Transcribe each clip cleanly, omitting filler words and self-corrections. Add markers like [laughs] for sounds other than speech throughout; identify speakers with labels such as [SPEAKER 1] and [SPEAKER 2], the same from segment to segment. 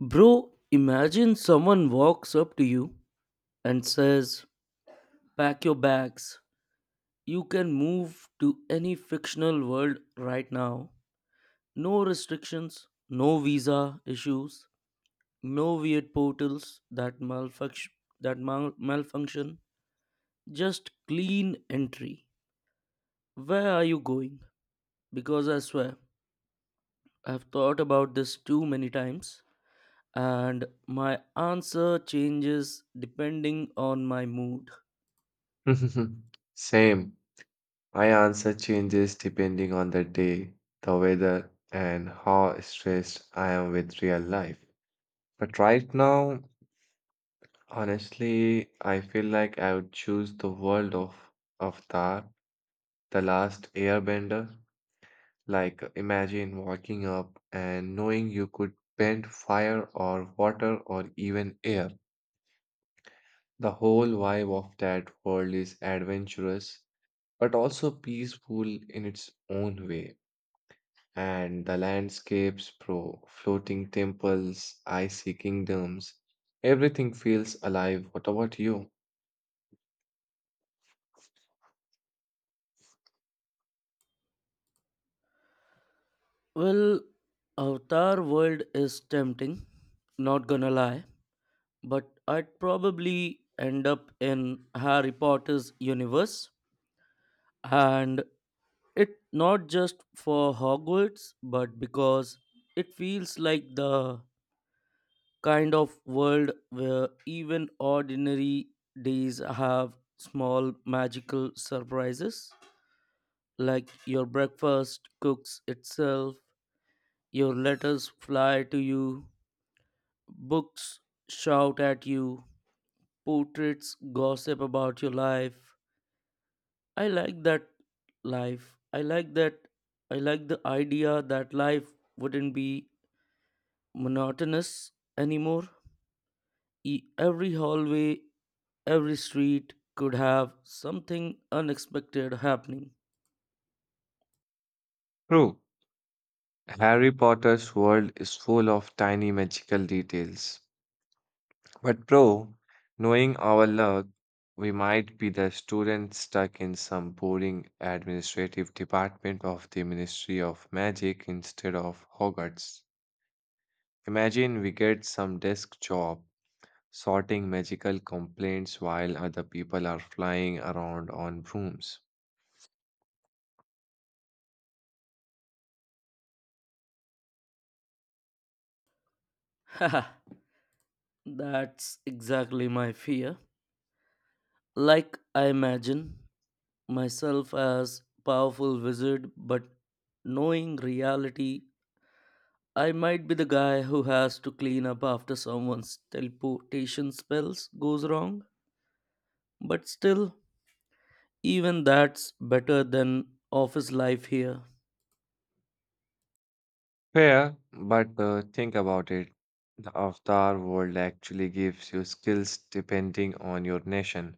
[SPEAKER 1] Bro, imagine someone walks up to you and says, "Pack your bags. You can move to any fictional world right now. No restrictions, no visa issues, no weird portals that malfunction malfunction." Just clean entry. Where are you going? Because I swear, I've thought about this too many times and my answer changes depending on my mood.
[SPEAKER 2] [laughs] Same. My answer changes depending on the day, the weather, and how stressed I am with real life. But right now, honestly, I feel like I would choose the world of Avatar, the last airbender. Like, imagine walking up and knowing you could bend fire or water or even air. The whole vibe of that world is adventurous but also peaceful in its own way. And the landscapes, pro floating temples, icy kingdoms, everything feels alive. What about you?
[SPEAKER 1] Well, Avatar World is tempting, not gonna lie, but I'd probably end up in Harry Potter's universe. And it not just for Hogwarts, but because it feels like the kind of world where even ordinary days have small magical surprises. Like your breakfast cooks itself, your letters fly to you, books shout at you, portraits gossip about your life. I like that life. I like that. I like the idea that life wouldn't be monotonous anymore. Every hallway, every street could have something unexpected happening.
[SPEAKER 2] True. Harry Potter's world is full of tiny magical details. But, bro, knowing our luck, we might be the student stuck in some boring administrative department of the Ministry of Magic instead of Hogwarts. Imagine we get some desk job sorting magical complaints while other people are flying around on brooms.
[SPEAKER 1] [laughs] Haha, that's exactly my fear. Like I imagine myself as powerful wizard, but knowing reality I might be the guy who has to clean up after someone's teleportation spells goes wrong, but still, even that's better than office life here.
[SPEAKER 2] Fair, but think about it. The Avatar world actually gives you skills depending on your nation.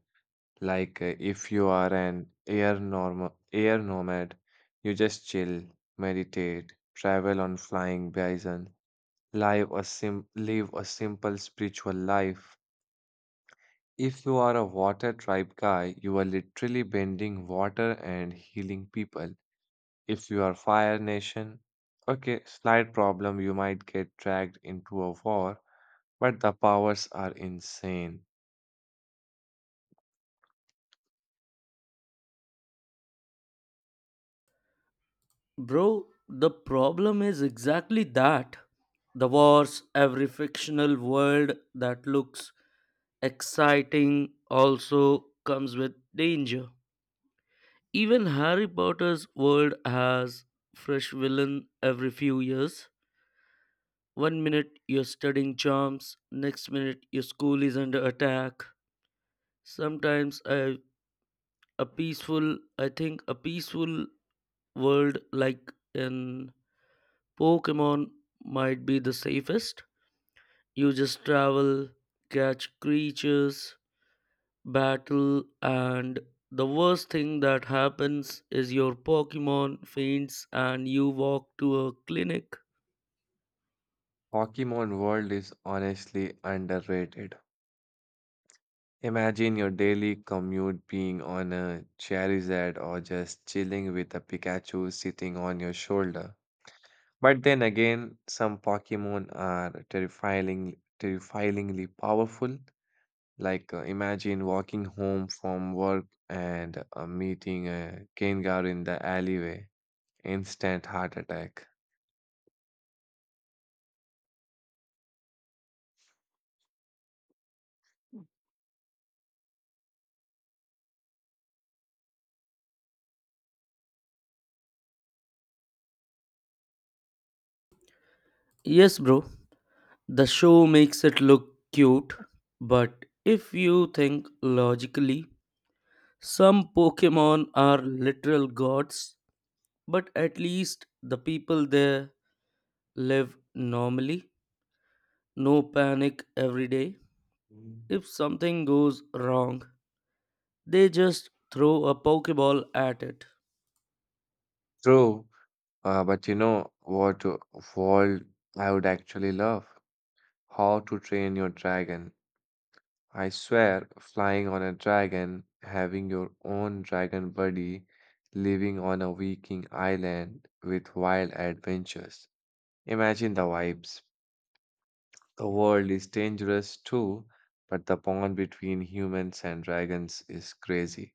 [SPEAKER 2] Like if you are an air nomad, you just chill, meditate, travel on flying bison, live a simple spiritual life. If you are a water tribe guy, you are literally bending water and healing people. If you are fire nation, okay, slight problem, you might get dragged into a war, but the powers are insane.
[SPEAKER 1] Bro, the problem is exactly that. The wars, every fictional world that looks exciting also comes with danger. Even Harry Potter's world has fresh villain every few years. One minute you're studying charms, next minute your school is under attack. Sometimes I, a peaceful, I think a peaceful world like in Pokemon might be the safest. You just travel, catch creatures, battle, and the worst thing that happens is your Pokemon faints and you walk to a clinic.
[SPEAKER 2] Pokemon World is honestly underrated. Imagine your daily commute being on a Charizard or just chilling with a Pikachu sitting on your shoulder. But then again, some Pokemon are terrifyingly powerful. Like, imagine walking home from work and meeting a Gengar in the alleyway. Instant heart attack.
[SPEAKER 1] Yes, bro. The show makes it look cute, but if you think logically, some Pokemon are literal gods, but at least the people there live normally. No panic every day.
[SPEAKER 2] Mm.
[SPEAKER 1] If something goes wrong, they just throw a Pokeball at it.
[SPEAKER 2] True, but you know what world I would actually love? How to train your dragon I swear, flying on a dragon, having your own dragon buddy, living on a Viking island with wild adventures. Imagine the vibes. The world is dangerous too, but the bond between humans and dragons is crazy.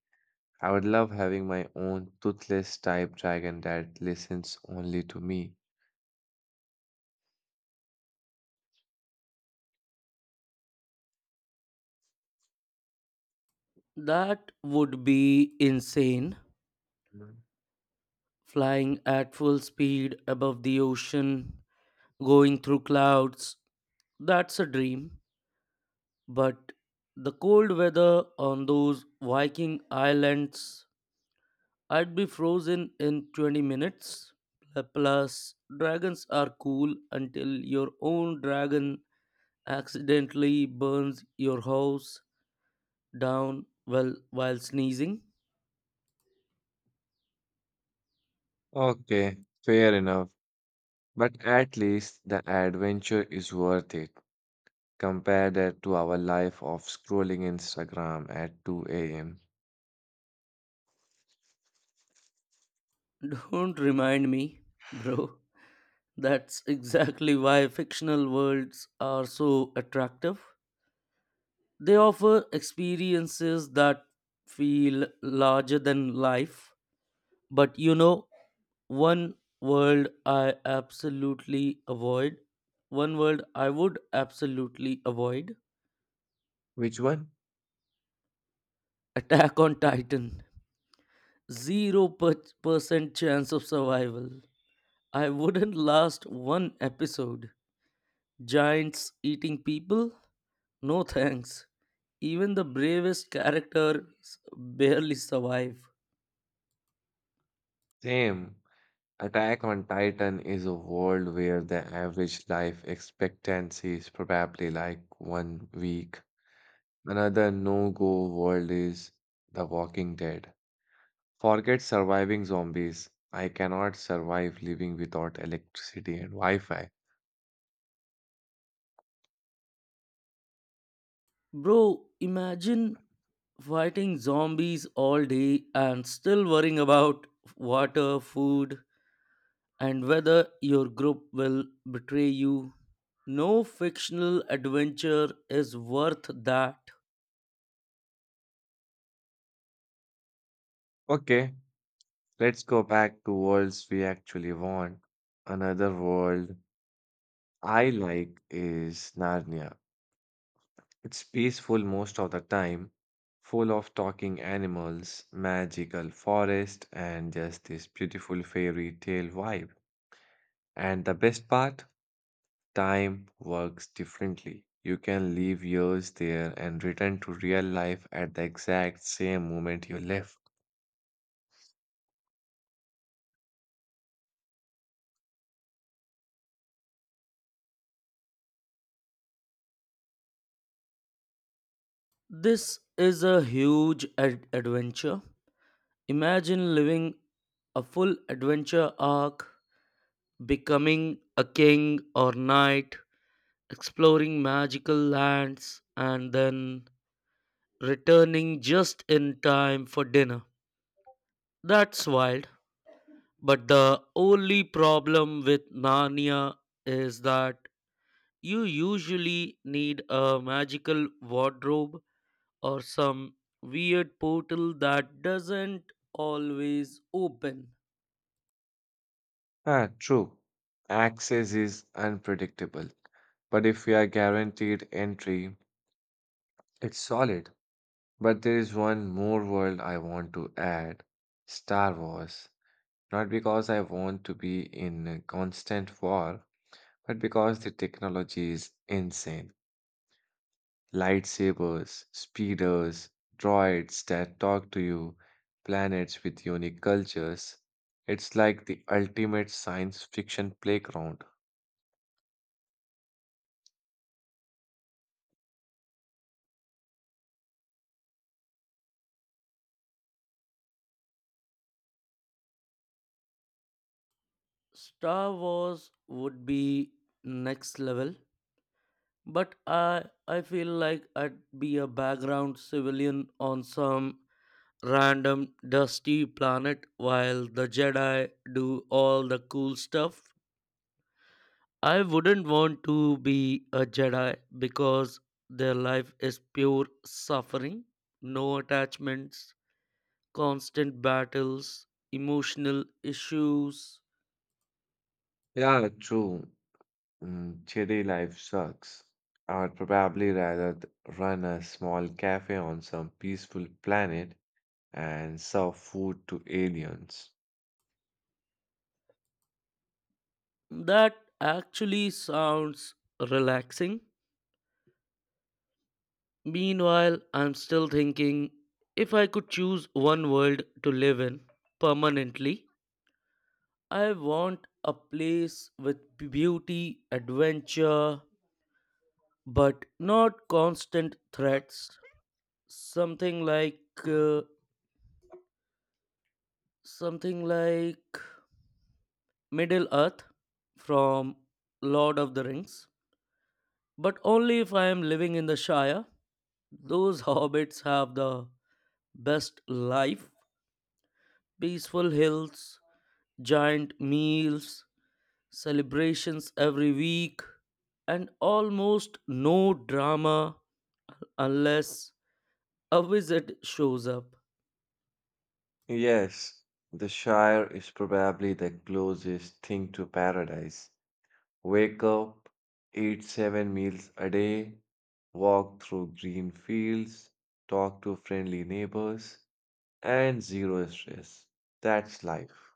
[SPEAKER 2] I would love having my own toothless type dragon that listens only to me.
[SPEAKER 1] That would be insane.
[SPEAKER 2] Mm.
[SPEAKER 1] Flying at full speed above the ocean, going through clouds, that's a dream, but the cold weather on those Viking islands, I'd be frozen in 20 minutes. Plus, dragons are cool until your own dragon accidentally burns your house down well while sneezing.
[SPEAKER 2] Okay, fair enough. But at least the adventure is worth it. Compare that to our life of scrolling Instagram at 2 a.m.
[SPEAKER 1] [laughs] Don't remind me, bro. That's exactly why fictional worlds are so attractive. They offer experiences that feel larger than life. But you know, one world I absolutely avoid, one world I would absolutely avoid:
[SPEAKER 2] Which one?
[SPEAKER 1] Attack on Titan. Percent chance of survival. I wouldn't last one episode. Giants eating people? No thanks. Even the bravest characters barely survive.
[SPEAKER 2] Same. Attack on Titan is a world where the average life expectancy is probably like one week. Another no-go world is The Walking Dead. Forget surviving zombies. I cannot survive living without electricity and Wi-Fi.
[SPEAKER 1] Bro, imagine fighting zombies all day and still worrying about water, food, and whether your group will betray you. No fictional adventure is worth that.
[SPEAKER 2] Okay, let's go back to worlds we actually want. Another world I like is Narnia. It's peaceful most of the time, full of talking animals, magical forest, and just this beautiful fairy tale vibe. And the best part, time works differently. You can live years there and return to real life at the exact same moment you left.
[SPEAKER 1] This is a huge ad- adventure. Imagine living a full adventure arc, becoming a king or knight, exploring magical lands, and then returning just in time for dinner. That's wild. But the only problem with Narnia is that you usually need a magical wardrobe or some weird portal that doesn't always open.
[SPEAKER 2] Ah, true. Access is unpredictable, but if we are guaranteed entry, it's solid. But there is one more world I want to add Star Wars. Not because I want to be in a constant war, but because the technology is insane lightsabers, speeders, droids that talk to you, planets with unique cultures. It's like the ultimate science fiction playground.
[SPEAKER 1] Star Wars would be next level, but I feel like I'd be a background civilian on some random dusty planet while the Jedi do all the cool stuff. I wouldn't want to be a Jedi because their life is pure suffering, no attachments, constant battles, emotional issues.
[SPEAKER 2] Yeah, true. Mm, city life sucks. I would probably rather run a small cafe on some peaceful planet and serve food to aliens.
[SPEAKER 1] That actually sounds relaxing. Meanwhile, I'm still thinking if I could choose one world to live in permanently, I want a place with beauty, adventure, but not constant threats. Something like uh, something like Middle Earth from Lord of the Rings, but only if I am living in the Shire. Those [laughs] hobbits have the best life, peaceful hills, giant meals, celebrations every week, and almost no drama unless a wizard shows up.
[SPEAKER 2] Yes, the Shire is probably the closest thing to paradise. Wake up, eat seven meals a day, walk through green fields, talk to friendly neighbors, and zero stress. That's life.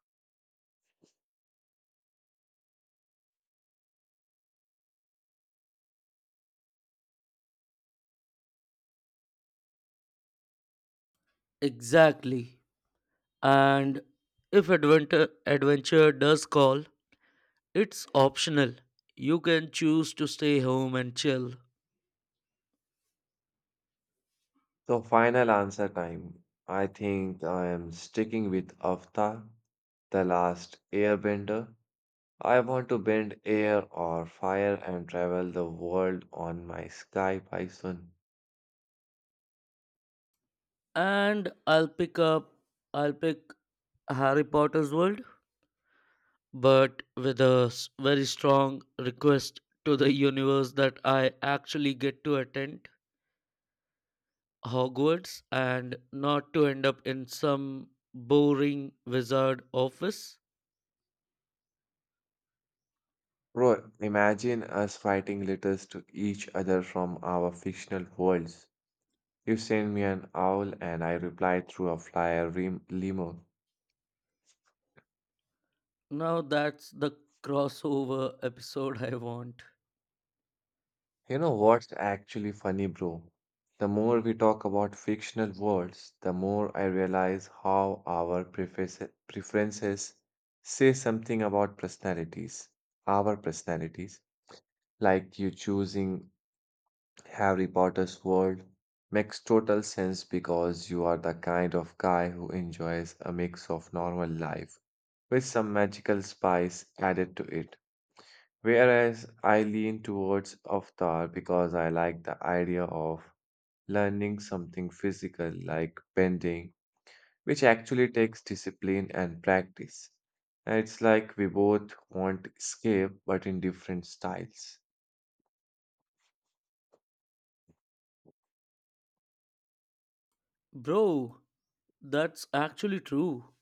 [SPEAKER 1] Exactly. And if adventure does call, it's optional. You can choose to stay home and chill.
[SPEAKER 2] So, final answer time. I think I am sticking with Avatar, the last airbender. I want to bend air or fire and travel the world on my sky bison.
[SPEAKER 1] And I'll pick Harry Potter's world, but with a very strong request to the universe that I actually get to attend Hogwarts and not to end up in some boring wizard office.
[SPEAKER 2] Bro, imagine us writing letters to each other from our fictional worlds. You send me an owl and I reply through a limo.
[SPEAKER 1] Now that's the crossover episode I want.
[SPEAKER 2] You know what's actually funny, bro? The more we talk about fictional worlds, the more I realize how our preferences say something about personalities, our personalities. Like you choosing Harry Potter's world makes total sense because you are the kind of guy who enjoys a mix of normal life with some magical spice added to it. Whereas I lean towards Avatar because I like the idea of learning something physical like bending, which actually takes discipline and practice. And it's like we both want escape but in different styles.
[SPEAKER 1] Bro, that's actually true.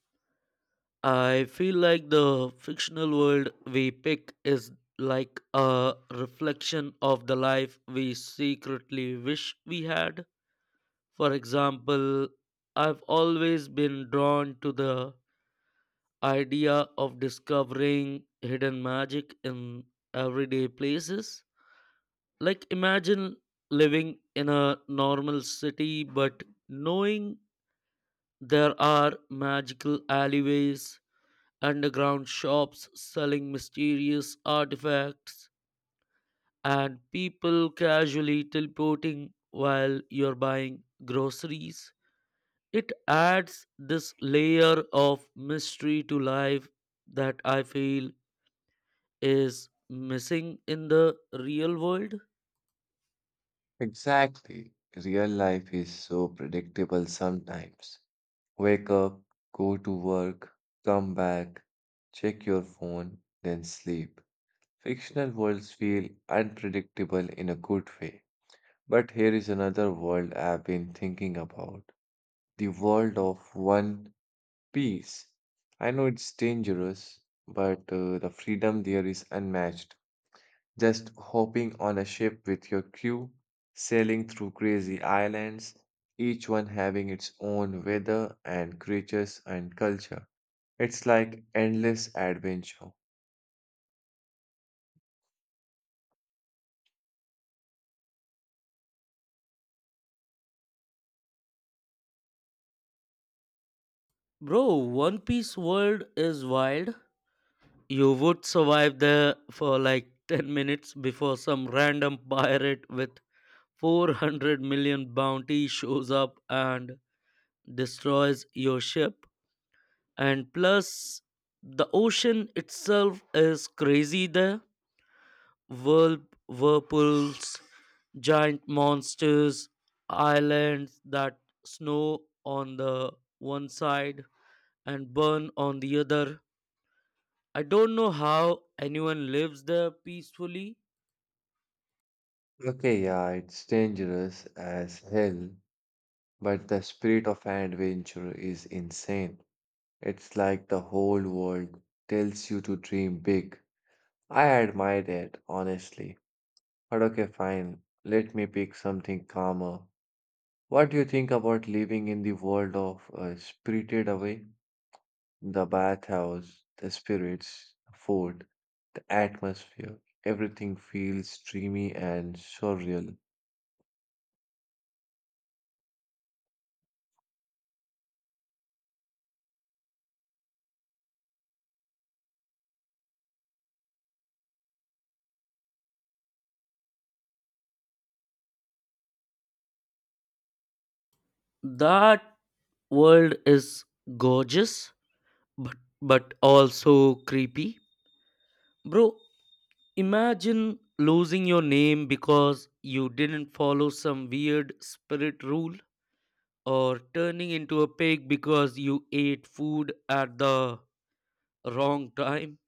[SPEAKER 1] I feel like the fictional world we pick is like a reflection of the life we secretly wish we had. For example, I've always been drawn to the idea of discovering hidden magic in everyday places, like imagine living in a normal city but knowing there are magical alleyways, underground shops selling mysterious artifacts, and people casually teleporting while you're buying groceries. It adds this layer of mystery to life that I feel is missing in the real world.
[SPEAKER 2] Exactly. Real life is so predictable sometimes. Wake up, go to work, come back, check your phone, then sleep. Fictional worlds feel unpredictable in a good way. But here is another world I've been thinking about the world of One Piece. I know it's dangerous, but the freedom there is unmatched. Just hopping on a ship with your crew, sailing through crazy islands, each one having its own weather and creatures and culture. It's like endless adventure.
[SPEAKER 1] Bro, one piece world is wild. You would survive there for like 10 minutes before some random pirate with 400 million bounty shows up and destroys your ship. And plus, the ocean itself is crazy there. Whirlpools, giant monsters, islands that snow on the one side and burn on the other. I don't know how anyone lives there peacefully.
[SPEAKER 2] Okay, yeah, it's dangerous as hell, but the spirit of adventure is insane. It's like the whole world tells you to dream big. I admire that, honestly. But okay, fine. Let me pick something calmer. What do you think about living in the world of Spirited Away? The bathhouse, the spirits, the food, the atmosphere. Everything feels dreamy and surreal.
[SPEAKER 1] That world is gorgeous, but, but also creepy. Bro, imagine losing your name because you didn't follow some weird spirit rule or turning into a pig because you ate food at the wrong time.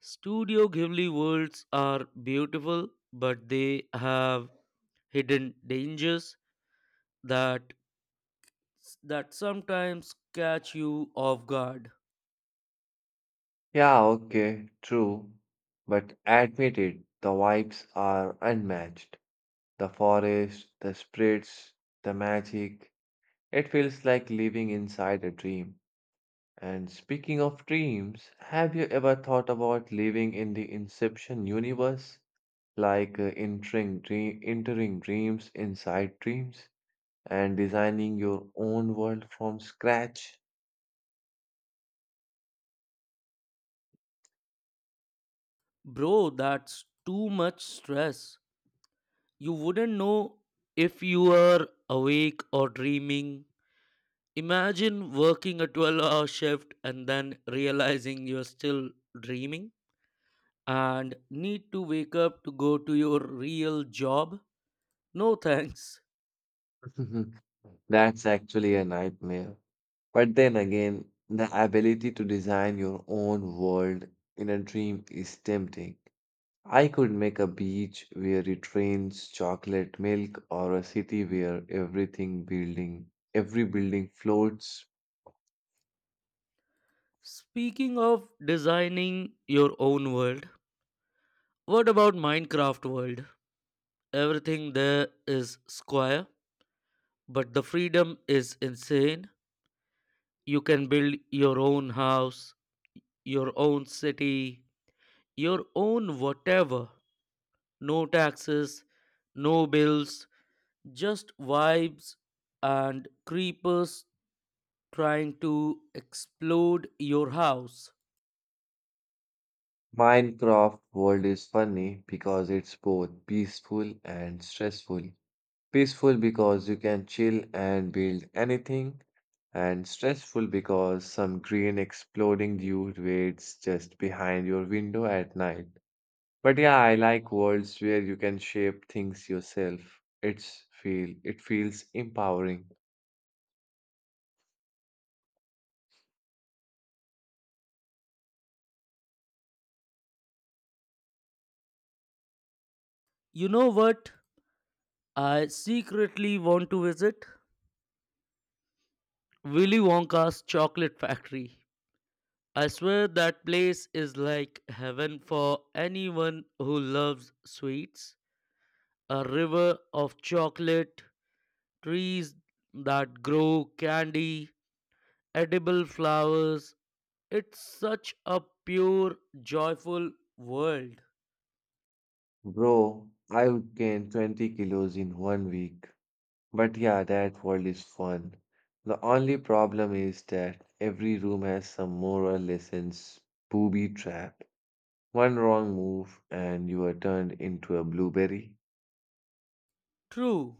[SPEAKER 1] Studio Ghibli worlds are beautiful, but they have hidden dangers that that sometimes catch you off guard.
[SPEAKER 2] Yeah, okay, true. But admit it, the vibes are unmatched. The forest, the spirits, the magic. It feels like living inside a dream. And speaking of dreams, have you ever thought about living in the Inception universe? Like entering dreams inside dreams and designing your own world from scratch.
[SPEAKER 1] Bro, that's too much stress. You wouldn't know if you were awake or dreaming. Imagine working a 12-hour shift and then realizing you're still dreaming and need to wake up to go to your real job. No [laughs] thanks.
[SPEAKER 2] [laughs] That's actually a nightmare. But then again, the ability to design your own world in a dream is tempting. I could make a beach where it rains chocolate milk or a city where every building floats.
[SPEAKER 1] Speaking of designing your own world, what about Minecraft world? Everything there is square, but the freedom is insane. You can build your own house, your own city, your own whatever. No taxes, no bills, just vibes and creepers trying to explode your house.
[SPEAKER 2] Minecraft world is funny because it's both peaceful and stressful. Peaceful because you can chill and build anything, and stressful because some green exploding dude waits just behind your window at night. But yeah, I like worlds where you can shape things yourself. It feels empowering.
[SPEAKER 1] You know what? I secretly want to visit Willy Wonka's chocolate factory. I swear that place is like heaven for anyone who loves sweets. A river of chocolate, trees that grow candy, edible flowers. It's such a pure, joyful world.
[SPEAKER 2] Bro, I'll gain 20 kilos in one week. But yeah, that world is fun. The only problem is that every room has some moral lessons booby trap. One wrong move and you are turned into a blueberry.
[SPEAKER 1] True,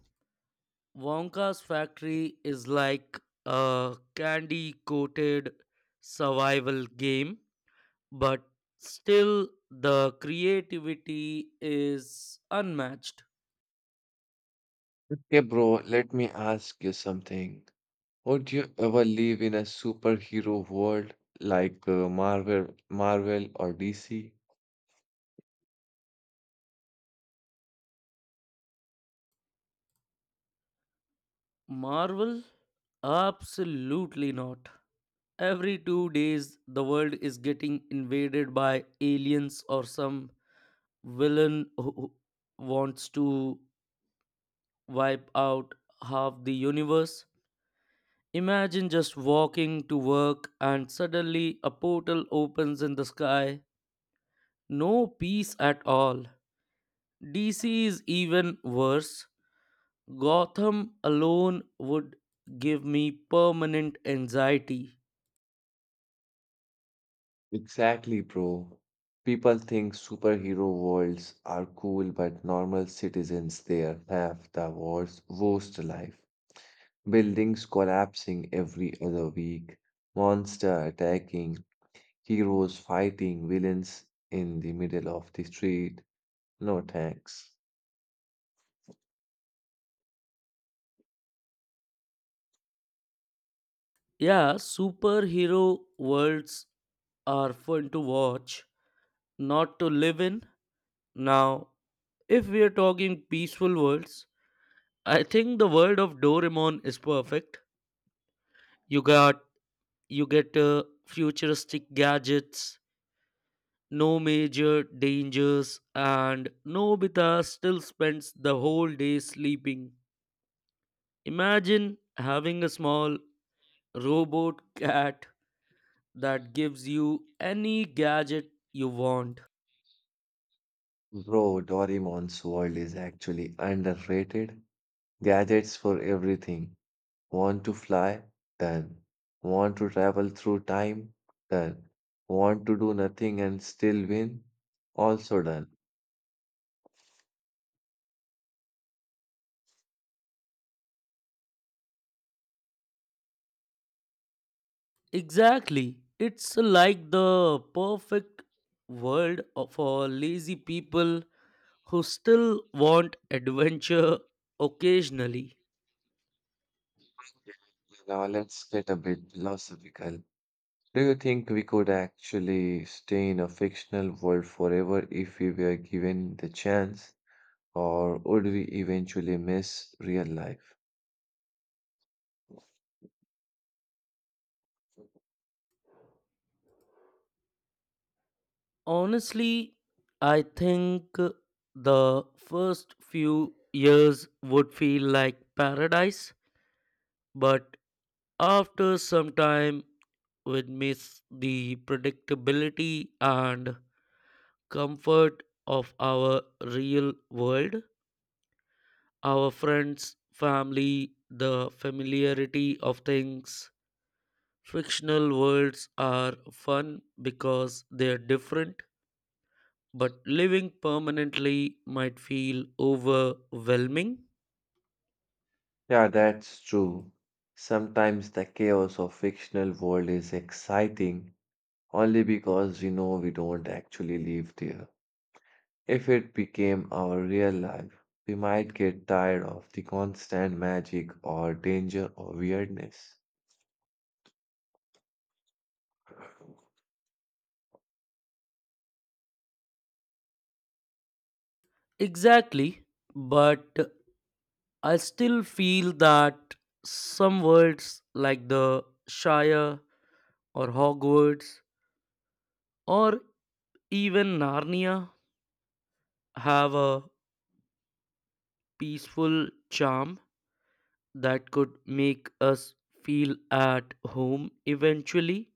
[SPEAKER 1] Wonka's factory is like a candy coated survival game, but still the creativity is unmatched.
[SPEAKER 2] Okay, bro, let me ask you something. Would you ever live in a superhero world like Marvel or DC?
[SPEAKER 1] Marvel? Absolutely not. Every two days, the world is getting invaded by aliens or some villain who wants to wipe out half the universe. Imagine just walking to work and suddenly a portal opens in the sky. No peace at all. DC is even worse. Gotham alone would give me permanent anxiety.
[SPEAKER 2] Exactly, bro. People think superhero worlds are cool, but normal citizens there have the worst life. Buildings collapsing every other week, monster attacking, heroes fighting villains in the middle of the street. No thanks.
[SPEAKER 1] Yeah, superhero worlds are fun to watch, not to live in. Now, if we are talking peaceful worlds, I think the world of Doraemon is perfect. You got you get futuristic gadgets, no major dangers, and Nobita still spends the whole day sleeping. Imagine having a small robot cat that gives you any gadget you want.
[SPEAKER 2] Bro, Doraemon's world is actually underrated. Gadgets for everything. Want to fly? Done. Want to travel through time? Done. Want to do nothing and still win? Also done.
[SPEAKER 1] Exactly. It's like the perfect for lazy people who still want adventure occasionally.
[SPEAKER 2] Now let's get a bit philosophical. Do you think we could actually stay in a fictional world forever if we were given the chance? Or would we eventually miss real life?
[SPEAKER 1] Honestly, I think the first few years would feel like paradise, but after some time, we'd miss the predictability and comfort of our real world. Our friends, family, the familiarity of things. Fictional worlds are fun because they're different, but living permanently might feel overwhelming.
[SPEAKER 2] Yeah, that's true. Sometimes the chaos of fictional world is exciting only because we know we don't actually live there. If it became our real life, we might get tired of the constant magic or danger or weirdness.
[SPEAKER 1] Exactly, but I still feel that some worlds like the Shire or Hogwarts or even Narnia have a peaceful charm that could make us feel at home eventually.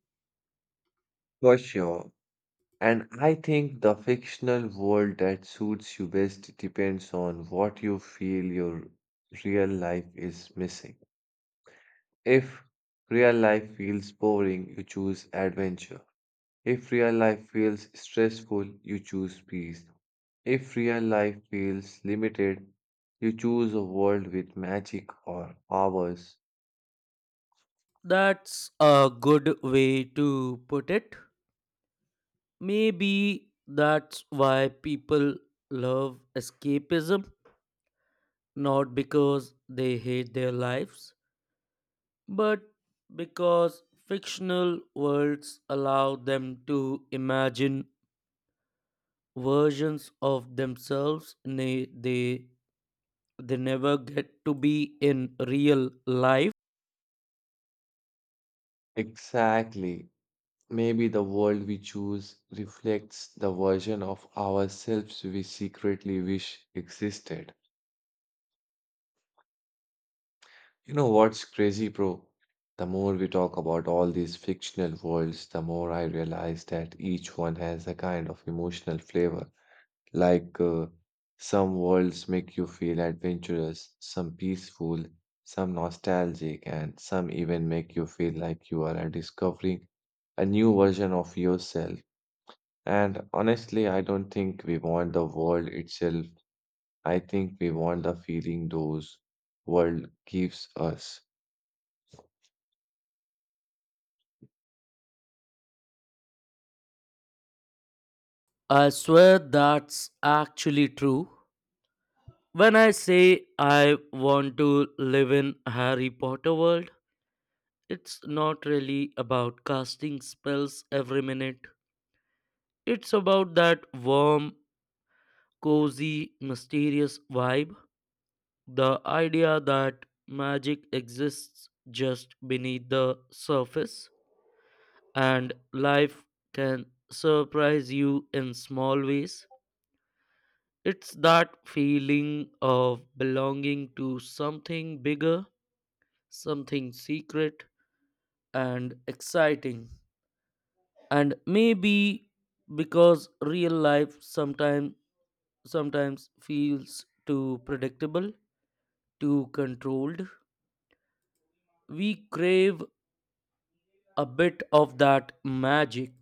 [SPEAKER 2] For sure. And I think the fictional world that suits you best depends on what you feel your real life is missing. If real life feels boring, you choose adventure. If real life feels stressful, you choose peace. If real life feels limited, you choose a world with magic or powers.
[SPEAKER 1] That's a good way to put it. Maybe that's why people love escapism, not because they hate their lives, but because fictional worlds allow them to imagine versions of themselves they never get to be in real life.
[SPEAKER 2] Exactly. Maybe the world we choose reflects the version of ourselves we secretly wish existed. You know what's crazy, bro? The more we talk about all these fictional worlds, the more I realize that each one has a kind of emotional flavor. Like some worlds make you feel adventurous, some peaceful, some nostalgic, and some even make you feel like you are discovering a new version of yourself. And honestly, I don't think we want the world itself. I think we want the feeling those world gives us.
[SPEAKER 1] I swear that's actually true. When I say I want to live in Harry Potter world, it's not really about casting spells every minute. It's about that warm, cozy, mysterious vibe, the idea that magic exists just beneath the surface and life can surprise you in small ways. It's that feeling of belonging to something bigger, something secret and exciting. And maybe because real life sometimes feels too predictable, too controlled, we crave a bit of that magic.